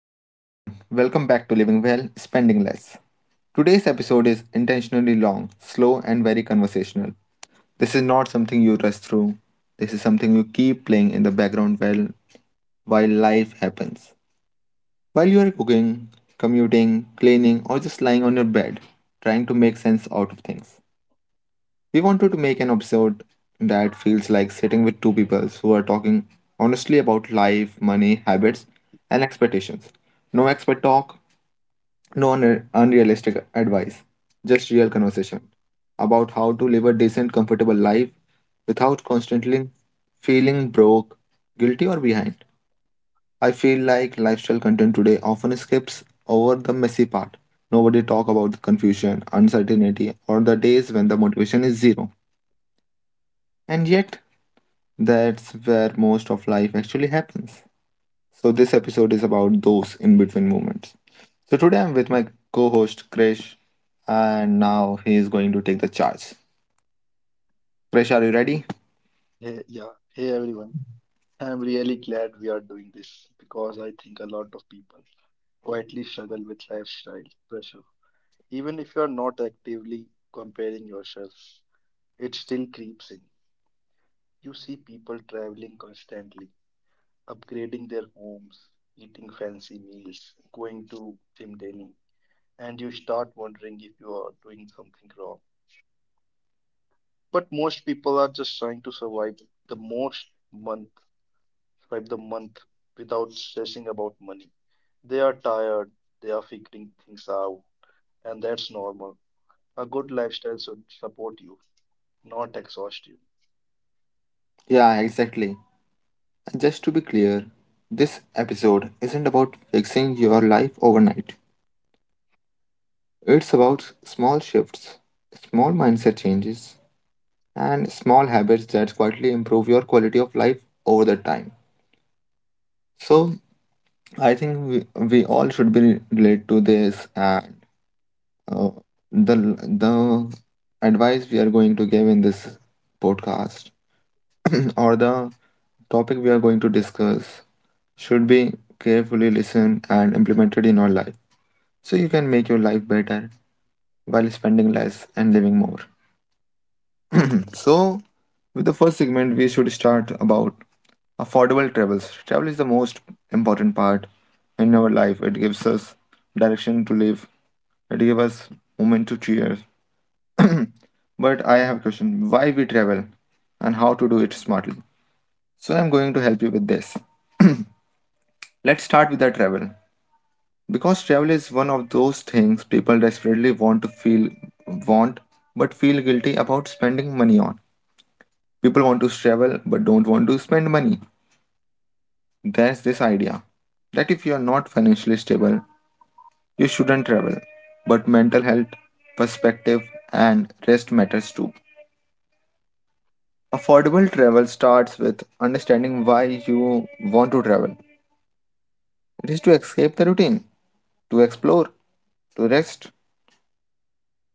Hey everyone, welcome back to Living Well, Spending Less. Today's episode is intentionally long, slow, and very conversational. This is not something you rush through, this is something you keep playing in the background while life happens. While you are cooking, commuting, cleaning, or just lying on your bed, trying to make sense out of things. We wanted to make an episode that feels like sitting with two people who are talking honestly about life, money, habits, and expectations. No expert talk, no unrealistic advice, just real conversation about how to live a decent, comfortable life without constantly feeling broke, guilty, or behind. I feel like lifestyle content today often skips over the messy part. Nobody talk about the confusion, uncertainty, or the days when the motivation is zero. And yet, that's where most of life actually happens. So, this episode is about those in between moments. So, today I'm with my co host Krish, and now he is going to take the charge. Krish, are you ready? Hey, yeah. Hey, everyone. I'm really glad we are doing this because I think a lot of people quietly struggle with lifestyle pressure. Even if you are not actively comparing yourself, it still creeps in. You see people traveling constantly, upgrading their homes, eating fancy meals, going to gym daily, and you start wondering if you are doing something wrong. But most people are just trying to the most month survive the month without stressing about money. They are tired, they are figuring things out, and that's normal. A good lifestyle should support you, not exhaust you. Yeah, exactly. And just to be clear, this episode isn't about fixing your life overnight, it's about small shifts, small mindset changes, and small habits that quietly improve your quality of life over the time. So, I think we all should be relate to this and Uh, the the advice we are going to give in this podcast or the topic we are going to discuss should be carefully listened and implemented in your life so you can make your life better while spending less and living more. So, with the first segment, we should start about affordable travels. Travel is the most important part in our life. It gives us direction to live. It gives us moment to cheer. But I have a question why we travel and how to do it smartly. So I'm going to help you with this. Let's start with the travel. Because travel is one of those things people desperately want but feel guilty about spending money on. People want to travel but don't want to spend money. There's this idea that if you are not financially stable, you shouldn't travel. But mental health, perspective and rest matters too. Affordable travel starts with understanding why you want to travel. It is to escape the routine, to explore, to rest.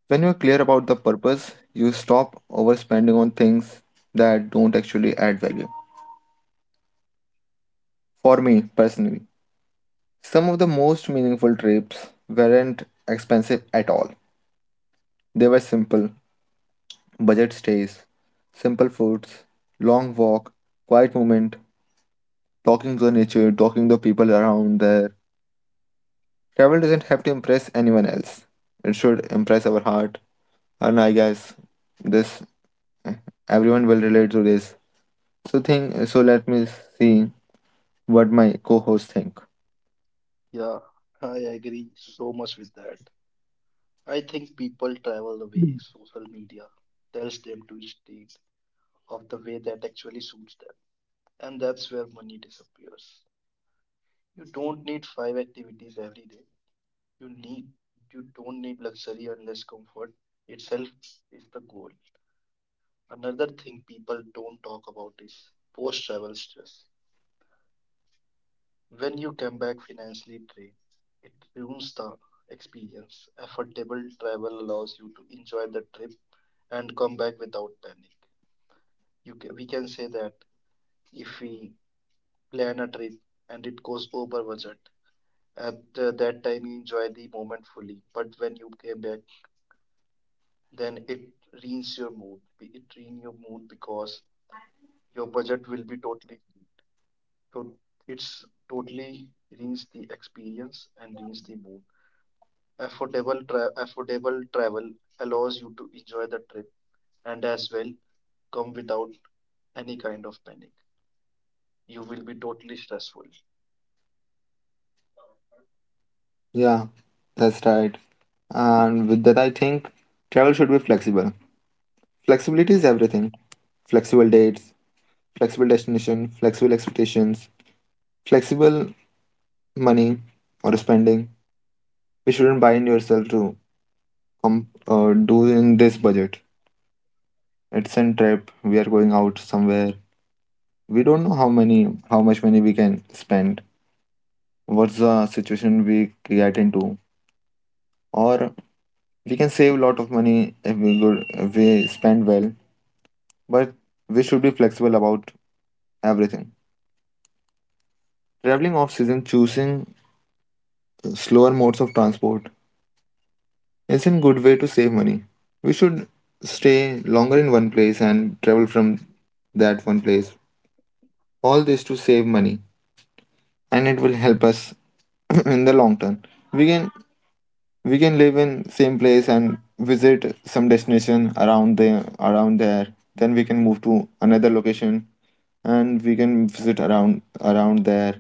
When you are clear about the purpose, you stop overspending on things that don't actually add value. For me personally, some of the most meaningful trips weren't expensive at all. They were simple, budget stays, simple foods, long walk, quiet moment, talking to nature, talking to people around there. Travel doesn't have to impress anyone else. It should impress our heart. And I guess this everyone will relate to this. So think so let me see what my co-hosts think. Yeah, I agree so much with that. I think people travel the way social media tells them to stay of the way that actually suits them, and that's where money disappears. You don't need five activities every day. You need you don't need luxury unless comfort itself is the goal. Another thing people don't talk about is post travel stress. When you come back financially drained, it ruins the experience. Affordable travel allows you to enjoy the trip and come back without panic. You can, we can say that if we plan a trip and it goes over budget, at that time you enjoy the moment fully. But when you came back, then it ruins your mood. It ruins your mood because your budget will be totally. So it's totally reach the experience and reach the mood. Affordable travel allows you to enjoy the trip and as well come without any kind of panic. You will be totally stressful. Yeah, that's right. And with that I think travel should be flexible. Flexibility is everything. Flexible dates, flexible destination, flexible expectations, flexible money or spending. We shouldn't bind yourself to do in this budget. It's a trip. We are going out somewhere. We don't know how many, how much money we can spend. What's the situation we get into? Or we can save a lot of money if we spend well. But we should be flexible about everything. Traveling off season, choosing slower modes of transport is a good way to save money. We should stay longer in one place and travel from that one place. All this to save money, and it will help us in the long term. We can we can live in same place and visit some destination around there. Then we can move to another location and we can visit around there.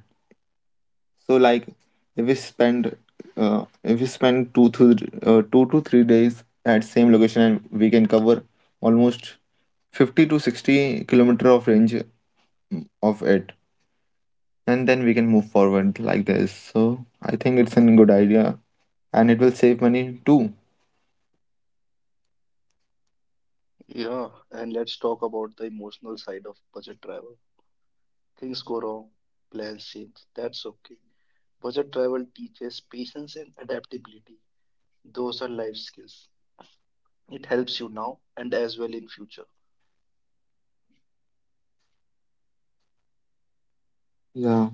So like if we spend if we spend 2 to 3 days at same location and we can cover almost 50 to 60 kilometer of range of it and then we can move forward like this. So I think it's a good idea and it will save money too. Yeah, and let's talk about the emotional side of budget travel. Things go wrong, plans change. That's okay. Budget travel teaches patience and adaptability. Those are life skills. It helps you now and as well in future. Yeah,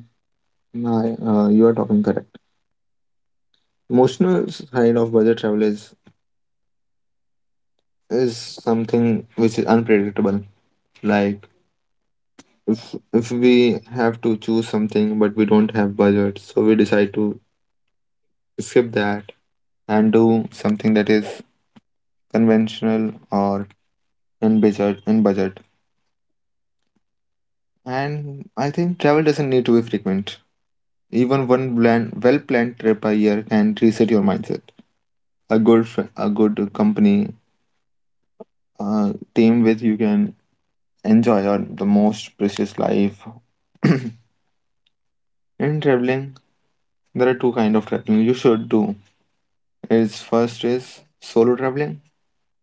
no, I- you are talking correct. Emotional side of budget travel is something which is unpredictable. Like if we have to choose something but we don't have budget, so we decide to skip that and do something that is conventional or in budget. And I think travel doesn't need to be frequent. Even one plan, well planned trip a year can reset your mindset. A good, a good company, a team with you can enjoy your the most precious life. In traveling, there are two kind of traveling you should do. Is first is solo traveling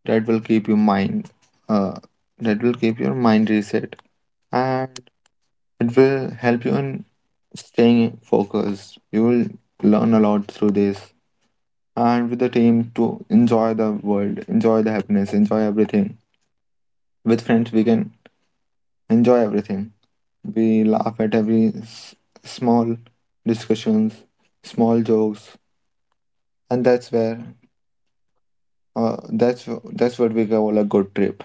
that will keep your uh, mind reset, and it will help you in staying focused. You will learn a lot through this and with the team to enjoy the world, enjoy the happiness, enjoy everything. With friends, we can enjoy everything. We laugh at every small discussions, small jokes, and that's where uh, that's that's what we call a good trip.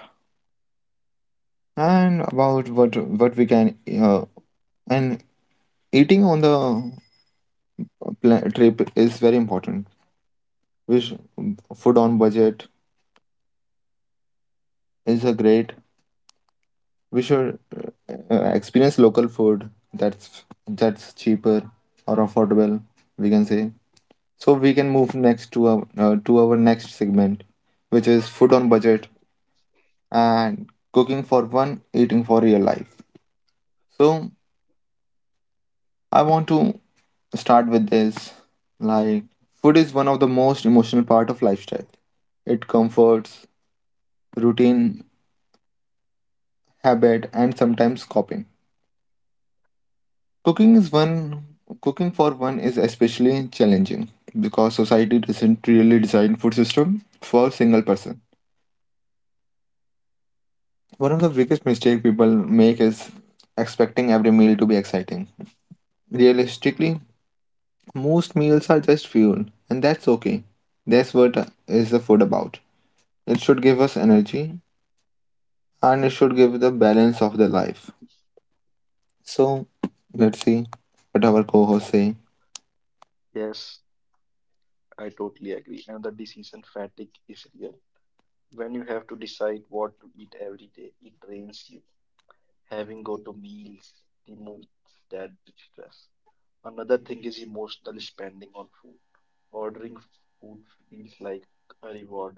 And about what we can uh, and eating on the trip is very important. Which food on budget is a great we should experience local food that's that's cheaper or affordable we can say. So we can move next to our next segment which is food on budget and cooking for one, eating for real life. So I want to start with this. Like food is one of the most emotional part of lifestyle. It comforts routine, habit, and sometimes coping. Cooking is one cooking for one is especially challenging because society doesn't really design food system for a single person. One of the biggest mistake people make is expecting every meal to be exciting. Realistically, most meals are just fuel, and that's okay. That's what is the food about. It should give us energy and it should give the balance of the life. So let's see what our co-hosts say. Yes, I totally agree. And the decision fatigue is real. When you have to decide what to eat every day, it drains you. Having go to meals removes that stress. Another thing is emotional spending on food. Ordering food feels like a reward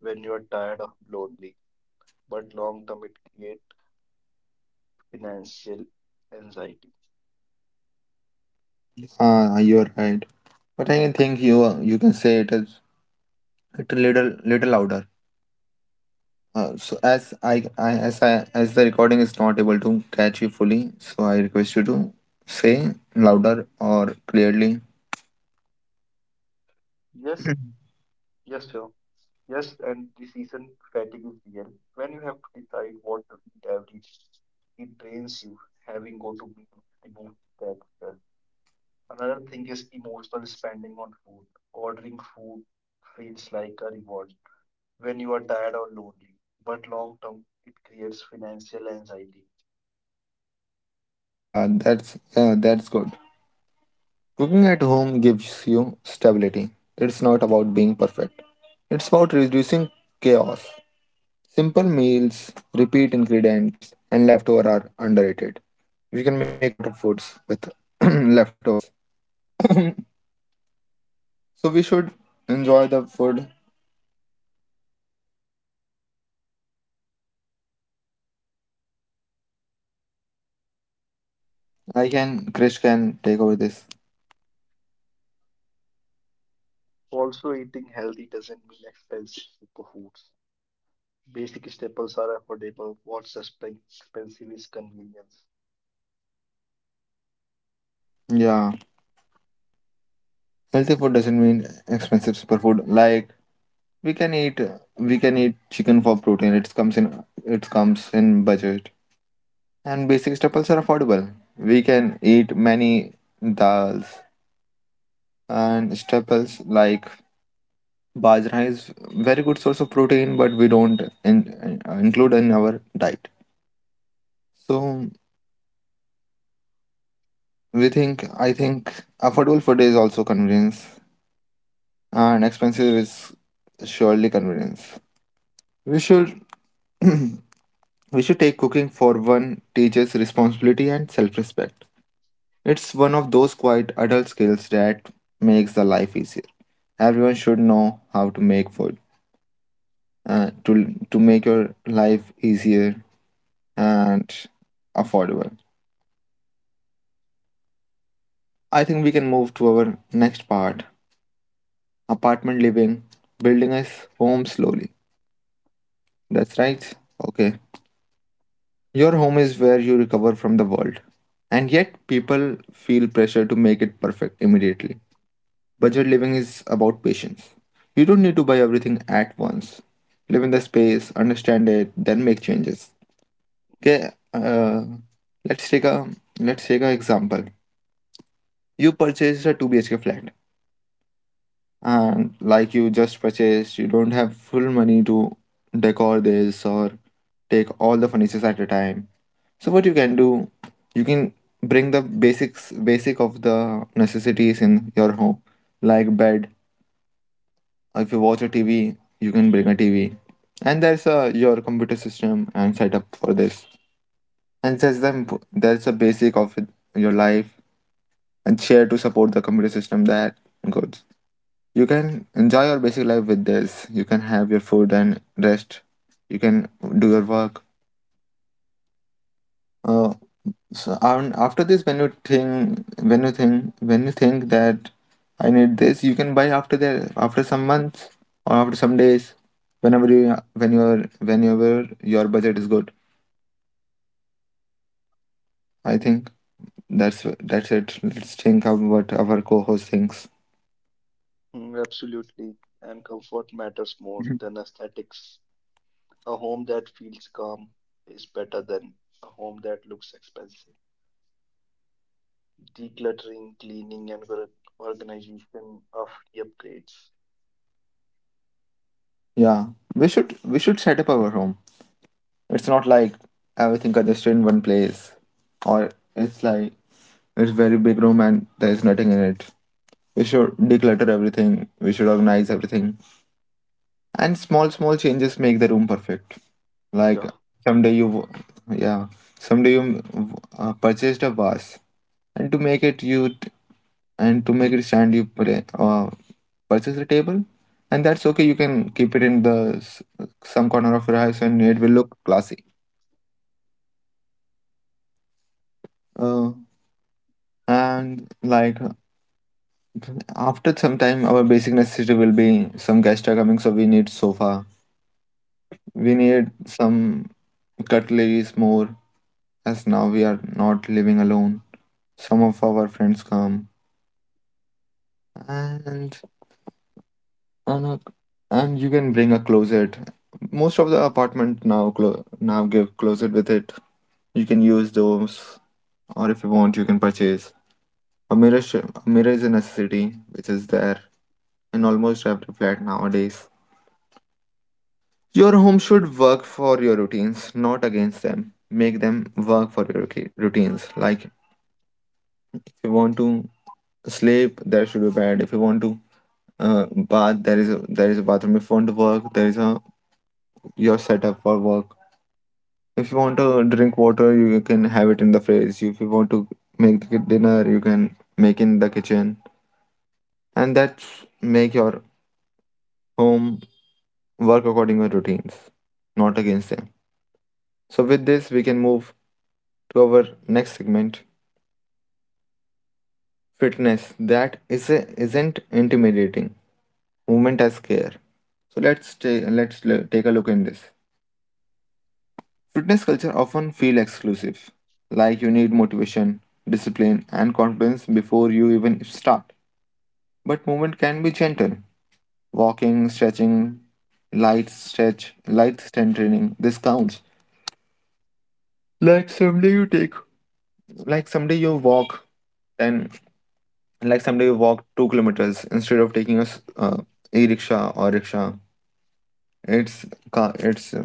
when you are tired of lonely, but long term it creates financial anxiety. Ah, you're right. But I think you can say it as it a little louder. So as I as the recording is not able to catch you fully, so I request you to say louder or clearly. Yes, yes, sir. Yes, and decision fatigue is real. When you have to decide what to eat every day, it drains you. Having go to meal remove that stress. Another thing is emotional spending on food. Ordering food feels like a reward when you are tired or lonely, but long term it creates financial anxiety. Yeah, that's good. Cooking at home gives you stability. It's not about being perfect. It's about reducing chaos. Simple meals, repeat ingredients, and leftover are underrated. We can make a lot of foods with leftovers. So we should enjoy the food. I can, Krish can take over this. Also, eating healthy doesn't mean expensive superfoods. Basic staples are affordable. What's expensive is convenience. Yeah, healthy food doesn't mean expensive superfood. Like we can eat, we can eat chicken for protein. It comes in budget. And basic staples are affordable. We can eat many dals and staples like bajra is very good source of protein, but we don't include in our diet. So I think affordable food is also convenience, and expensive is surely convenience. We should we should take cooking for one teaches responsibility and self-respect. It's one of those quiet adult skills that makes the life easier. Everyone should know how to make food, to make your life easier and affordable. I think we can move to our next part: apartment living, building a home slowly. That's right. Okay. Your home is where you recover from the world. And yet, people feel pressure to make it perfect immediately. Budget living is about patience. You don't need to buy everything at once. Live in the space, understand it, then make changes. Okay, let's take a let's take an example. You purchased a 2 BHK flat, and like you just purchased, you don't have full money to decor this or take all the furniture at a time. So what you can do, you can bring the basic of the necessities in your home, like bed. If you watch a TV, you can bring a TV, and there's a your computer system and setup for this. And there's them there's a basic of it- your life and share to support the computer system that good. You can enjoy your basic life with this. You can have your food and rest. You can do your work. Uh, So and after this, when you think that I need this, you can buy after that, after some months or after some days, whenever your budget is good. I think that's it. Let's think of what our co-host thinks. Mm, absolutely. And comfort matters more Mhm. than aesthetics. A home that feels calm is better than a home that looks expensive. Decluttering, cleaning, and organization of the upgrades. Yeah, we should set up our home. It's not like everything congested in one place, or it's like it's very big room and there's nothing in it. We should declutter everything. We should organize everything, and small changes make the room perfect. Like Yeah, someday you w- yeah someday you purchased a vase, and to make it you t- and to make it stand you play, purchase a table. And that's okay, you can keep it in some corner of your house, and it will look classy. uh, and like after some time, our basic necessity will be: some guests are coming, so we need sofa, we need some cutleries more, as now we are not living alone. Some of our friends come, and and, a- and you can bring a closet. Most of the apartment now now give closet with it. You can use those, or if you want, you can purchase. A mirror is a necessity, which is there in almost every flat nowadays. Your home should work for your routines, not against them. Make them work for your routines. Like if you want to sleep, there should be bed. If you want to bath, there is a, there is a bathroom. If you want to work, there is a your setup for work. If you want to drink water, you can have it in the fridge. If you want to make the dinner, you can make in the kitchen, and that's make your home work according to your routines, not against them. So with this, we can move to our next segment, fitness. That is a, isn't intimidating. Movement as care. So let's ta- let's l- take a look in this. Fitness culture often feel exclusive, like you need motivation, discipline, and confidence before you even start. But movement can be gentle. Walking, stretching, light stretch, light strength training, this counts. Like someday you walk, and like someday you walk 2 kilometers instead of taking a e-rickshaw or rickshaw. It's ca- it's uh,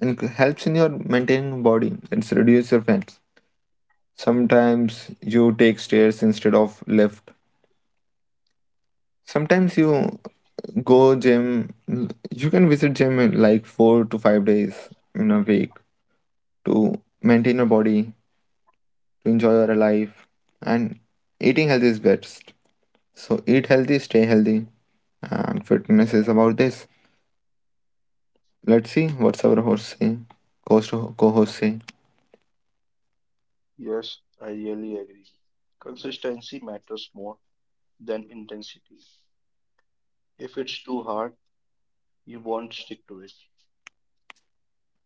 and helps in your maintaining body, it's reduce your fat. Sometimes you take stairs instead of lift. Sometimes you go gym. You can visit gym in like 4 to 5 days in a week to maintain your body, to enjoy your life. And eating healthy is best, so eat healthy, stay healthy. And fitness is about this. Let's see what's our host say? Co-host, co-host say. yes, I really agree. Consistency matters more than intensity. If it's too hard, you won't stick to it.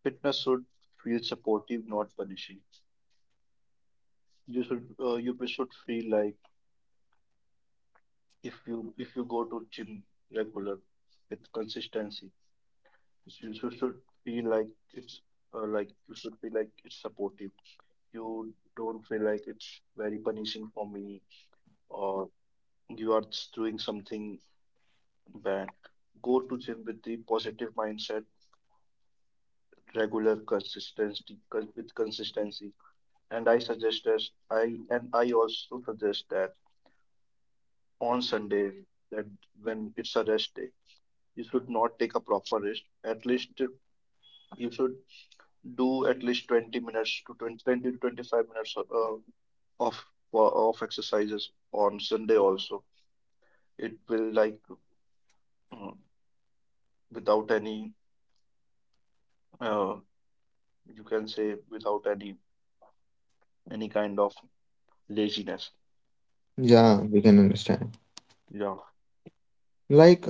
Fitness should feel supportive, not punishing. You should feel like if you go to gym regular with consistency you should be like it's you should be like it's supportive. You don't feel like it's very punishing for me or you are s- doing something bad. Go to gym with the positive mindset, regular consistency, with consistency. And i suggest as i and I also suggest that on Sunday, that when it's a rest day, you should not take a proper rest. At least you should do at least 20 minutes to twenty twenty to 25 minutes of of exercises on Sunday also. It will like mm, without any uh, you can say without any any kind of laziness. Yeah, we can understand. Yeah. Like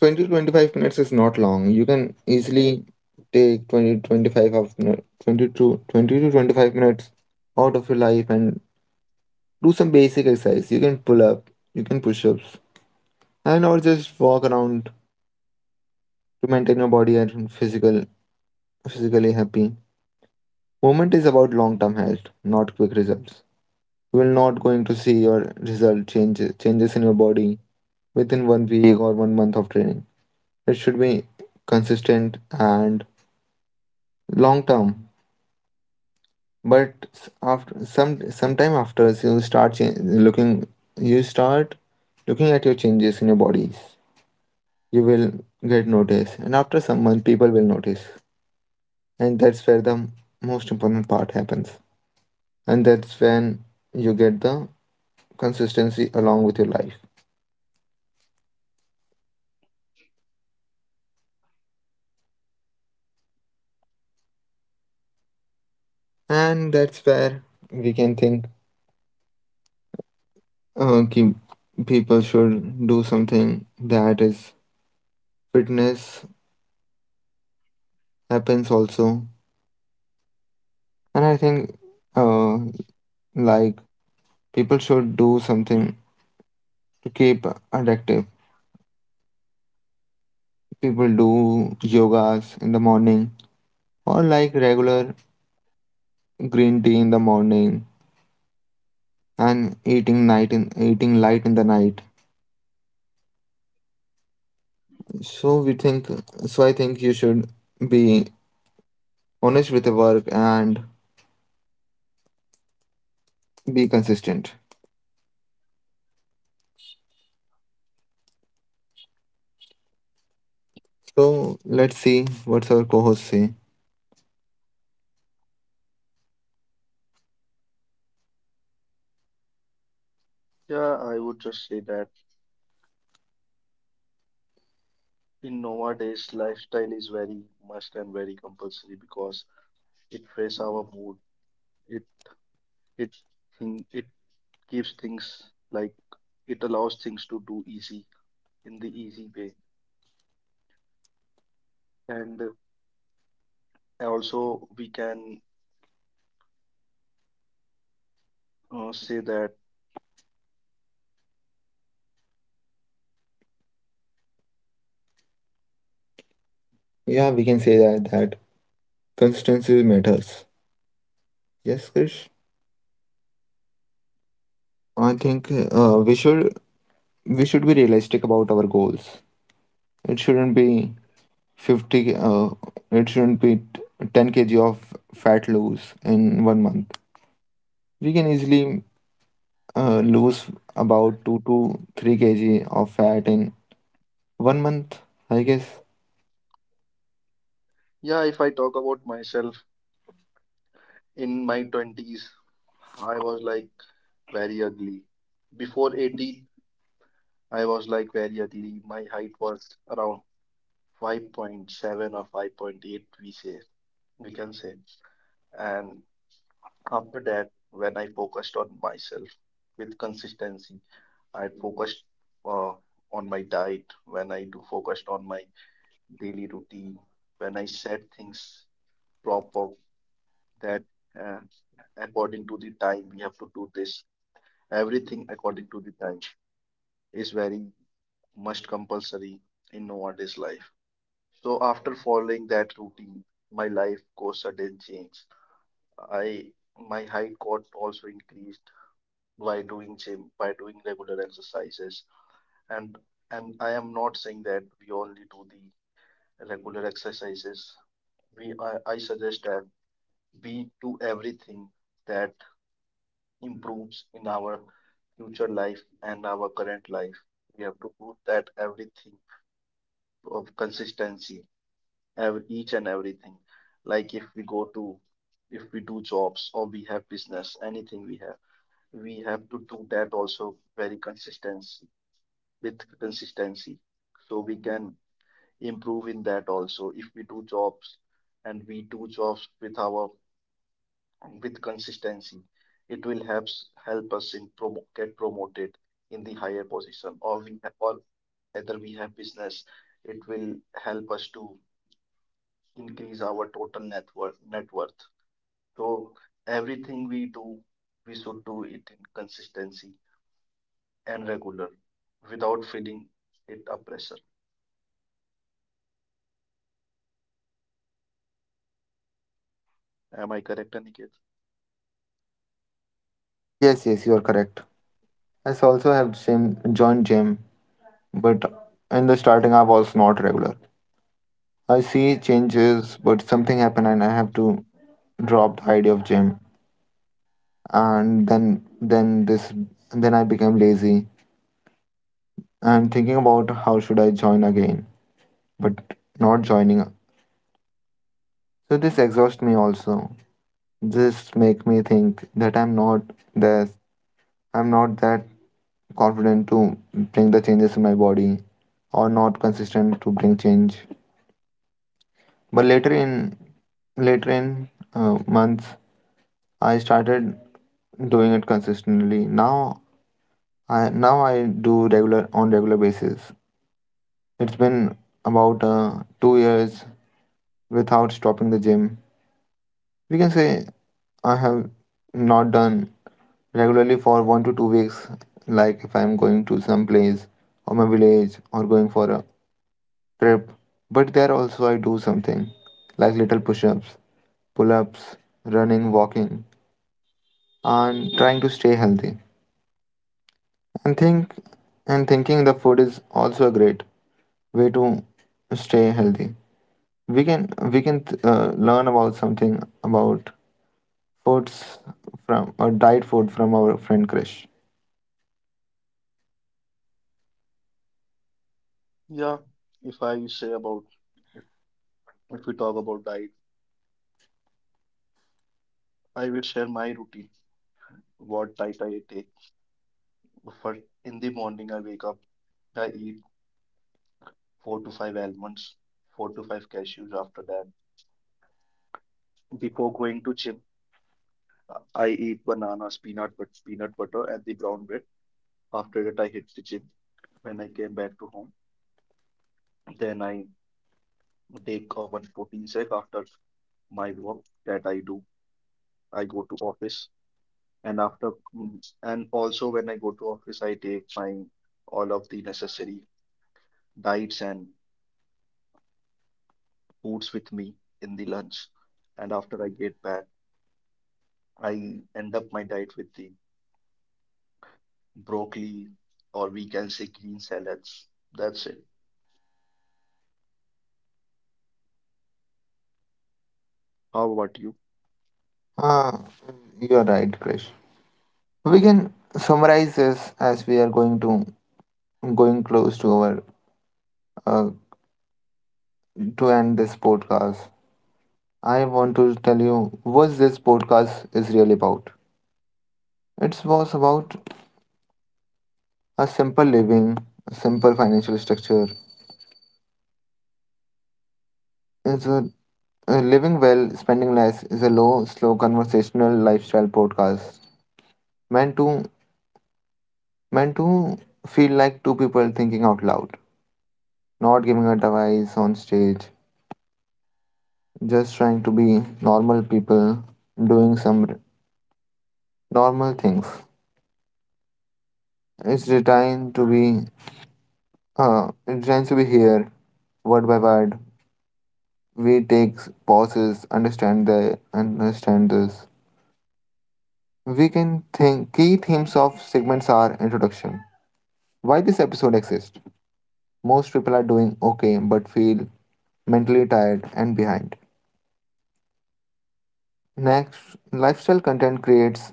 20 to 25 minutes is not long. You can easily take 20 to 25 of no, 20 to 25 minutes out of your life and do some basic exercise. You can pull up, you can push ups, and or just walk around to maintain your body and physical physically happy. Movement is about long term health, not quick results. You will not going to see your result changes in your body within 1 week or 1 month of training. It should be consistent and long term. But after some sometime after you looking, you start looking at your changes in your bodies, you will get noticed, and after some month people will notice. And that's where most important part happens. And that's when you get the consistency along with your life. And that's where we can think, uh, ki- people should do something that is fitness happens also. And I think, uh, like people should do something to keep it active. People do yogas in the morning, or like regular green tea in the morning, and eating light in the night. So we think so I think you should be honest with the work and be consistent. So let's see what's our co-host say. Yeah, I would just say that in nowadays lifestyle is very must and very compulsory because it frees our mood. It it it gives things like it allows things to do easy in the easy way. And also, we can say that, Yeah, we can say that consistency matters. Yes, Krish. I think we should be realistic about our goals. It shouldn't be 50, k- uh, it shouldn't be t- 10 kg of fat loss in 1 month. We can easily lose about 2 to 3 kg of fat in 1 month, I guess. yeah, if I talk about myself in my 20s, I was like very ugly. Before 18, I was like very ugly. My height was around 5.7 or 5.8, we say, we can say. And after that, when I focused on myself with consistency, I focused uh, on my diet, when I do focused on my daily routine, when I set things proper that uh, according to the time we have to do this. Everything according to the time is very much compulsory in nowadays life. So after following that routine, my life goes sudden change. I my height got also increased by doing gym, by doing regular exercises, and and I am not saying that we only do the regular exercises. We I suggest that we do everything that improves in our future life and our current life. We have to put that everything of consistency, every, each and everything. Like if we go to, if we do jobs or we have business, anything we have to do that also very consistency with consistency. So we can improve in that also. If we do jobs and we do jobs with our with consistency, it will help us in promo get promoted in the higher position or we or whether we have business, it will help us to increase our total net worth. So everything we do we should do it in consistency and regular without feeling it a pressure. Am I correct, Aniket? Yes, yes, you are correct. Also have gym, joined gym. But in the starting I was not regular. I see changes, but something happened and I have to drop the idea of gym. And then I became lazy and thinking about how should I join again, but not joining. So this exhausts me also. This make me think that this, I'm not that confident to bring the changes in my body, or not consistent to bring change. But later in months, I started doing it consistently. Now I do regular on regular basis. It's been about 2 years without stopping the gym. We can say I have not done regularly for 1 to 2 weeks, like if I'm going to some place or my village or going for a trip. But there also I do something like little push ups, pull ups, running, walking, and trying to stay healthy. And thinking the food is also a great way to stay healthy. We can learn about something about foods from or diet food from our friend Krish. Yeah, if I say about if if we talk about diet, I will share my routine, what diet I take. First, in the morning, I wake up. I eat four to five almonds, four to five cashews. After that, before going to gym, I eat bananas, peanut butter, and the brown bread. After that, I hit the gym. When I came back to home, then I take a one protein shake after my work that I do. I go to office, and also when I go to office, I take my all of the necessary diets and foods with me in the lunch. And after I get back, I end up my diet with the broccoli or we can say green salads. That's it. How about you? Ah, you're right, Krish. We can summarize this as we are going to going close to our uh, to end this podcast. I want to tell you what this podcast is really about. It was about a simple living, a simple financial structure. It's a living well, spending less is a low, slow conversational lifestyle podcast meant to meant to feel like two people thinking out loud, not giving advice on stage, just trying to be normal people doing some r- normal things. It's designed to be, it's designed to be here word by word. We take pauses, understand this. We can think key themes of segments are introduction. Why this episode exists. Most people are doing okay but feel mentally tired and behind. Next, lifestyle content creates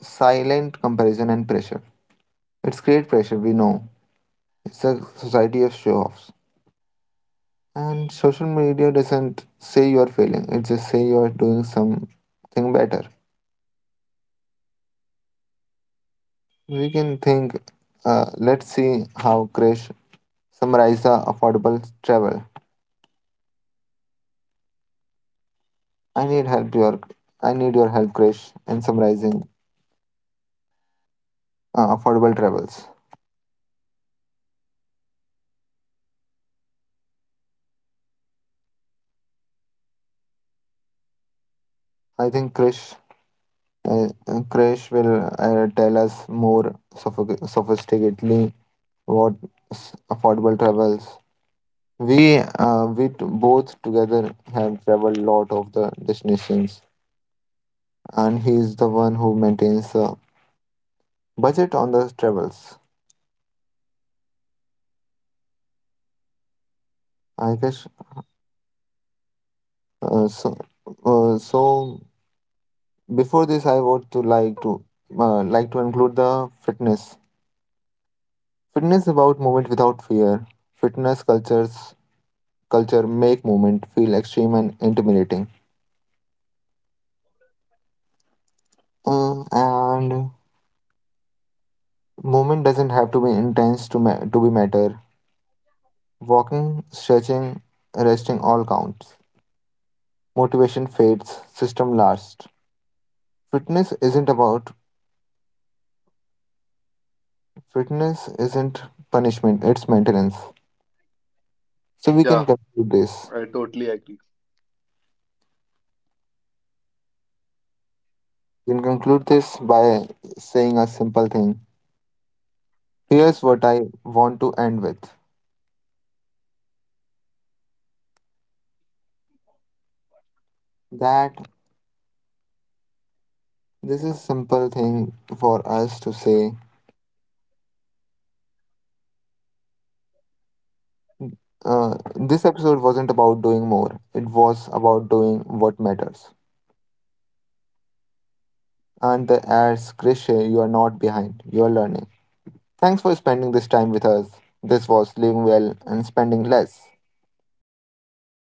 silent comparison and pressure. It's create pressure, we know. It's a society of show offs. And social media doesn't say you're failing, it just say you're doing something better. We can think, let's see how Krish summarize the affordable travel. I need help your I need your help, Krish, in summarizing affordable travels. I think Krish, Krish will tell us more sophisticatedly what affordable travels. We, both together have traveled lot of the destinations, and he is the one who maintains the budget on the travels. I guess. Uh, so. Uh, so before this, I would to like to like to include the fitness. Fitness is about movement without fear. Fitness cultures culture make movement feel extreme and intimidating. And Movement doesn't have to be intense to be matter. Walking, stretching, resting all counts. Motivation fades, system lasts. Fitness isn't about fitness isn't punishment, it's maintenance. So we can Yeah, conclude this. I totally agree. We can conclude this by saying a simple thing. Here's what I want to end with. That this is simple thing for us to say. This episode wasn't about doing more. It was about doing what matters. And the as cliche, you are not behind. You are learning. Thanks for spending this time with us. This was Living Well and Spending Less.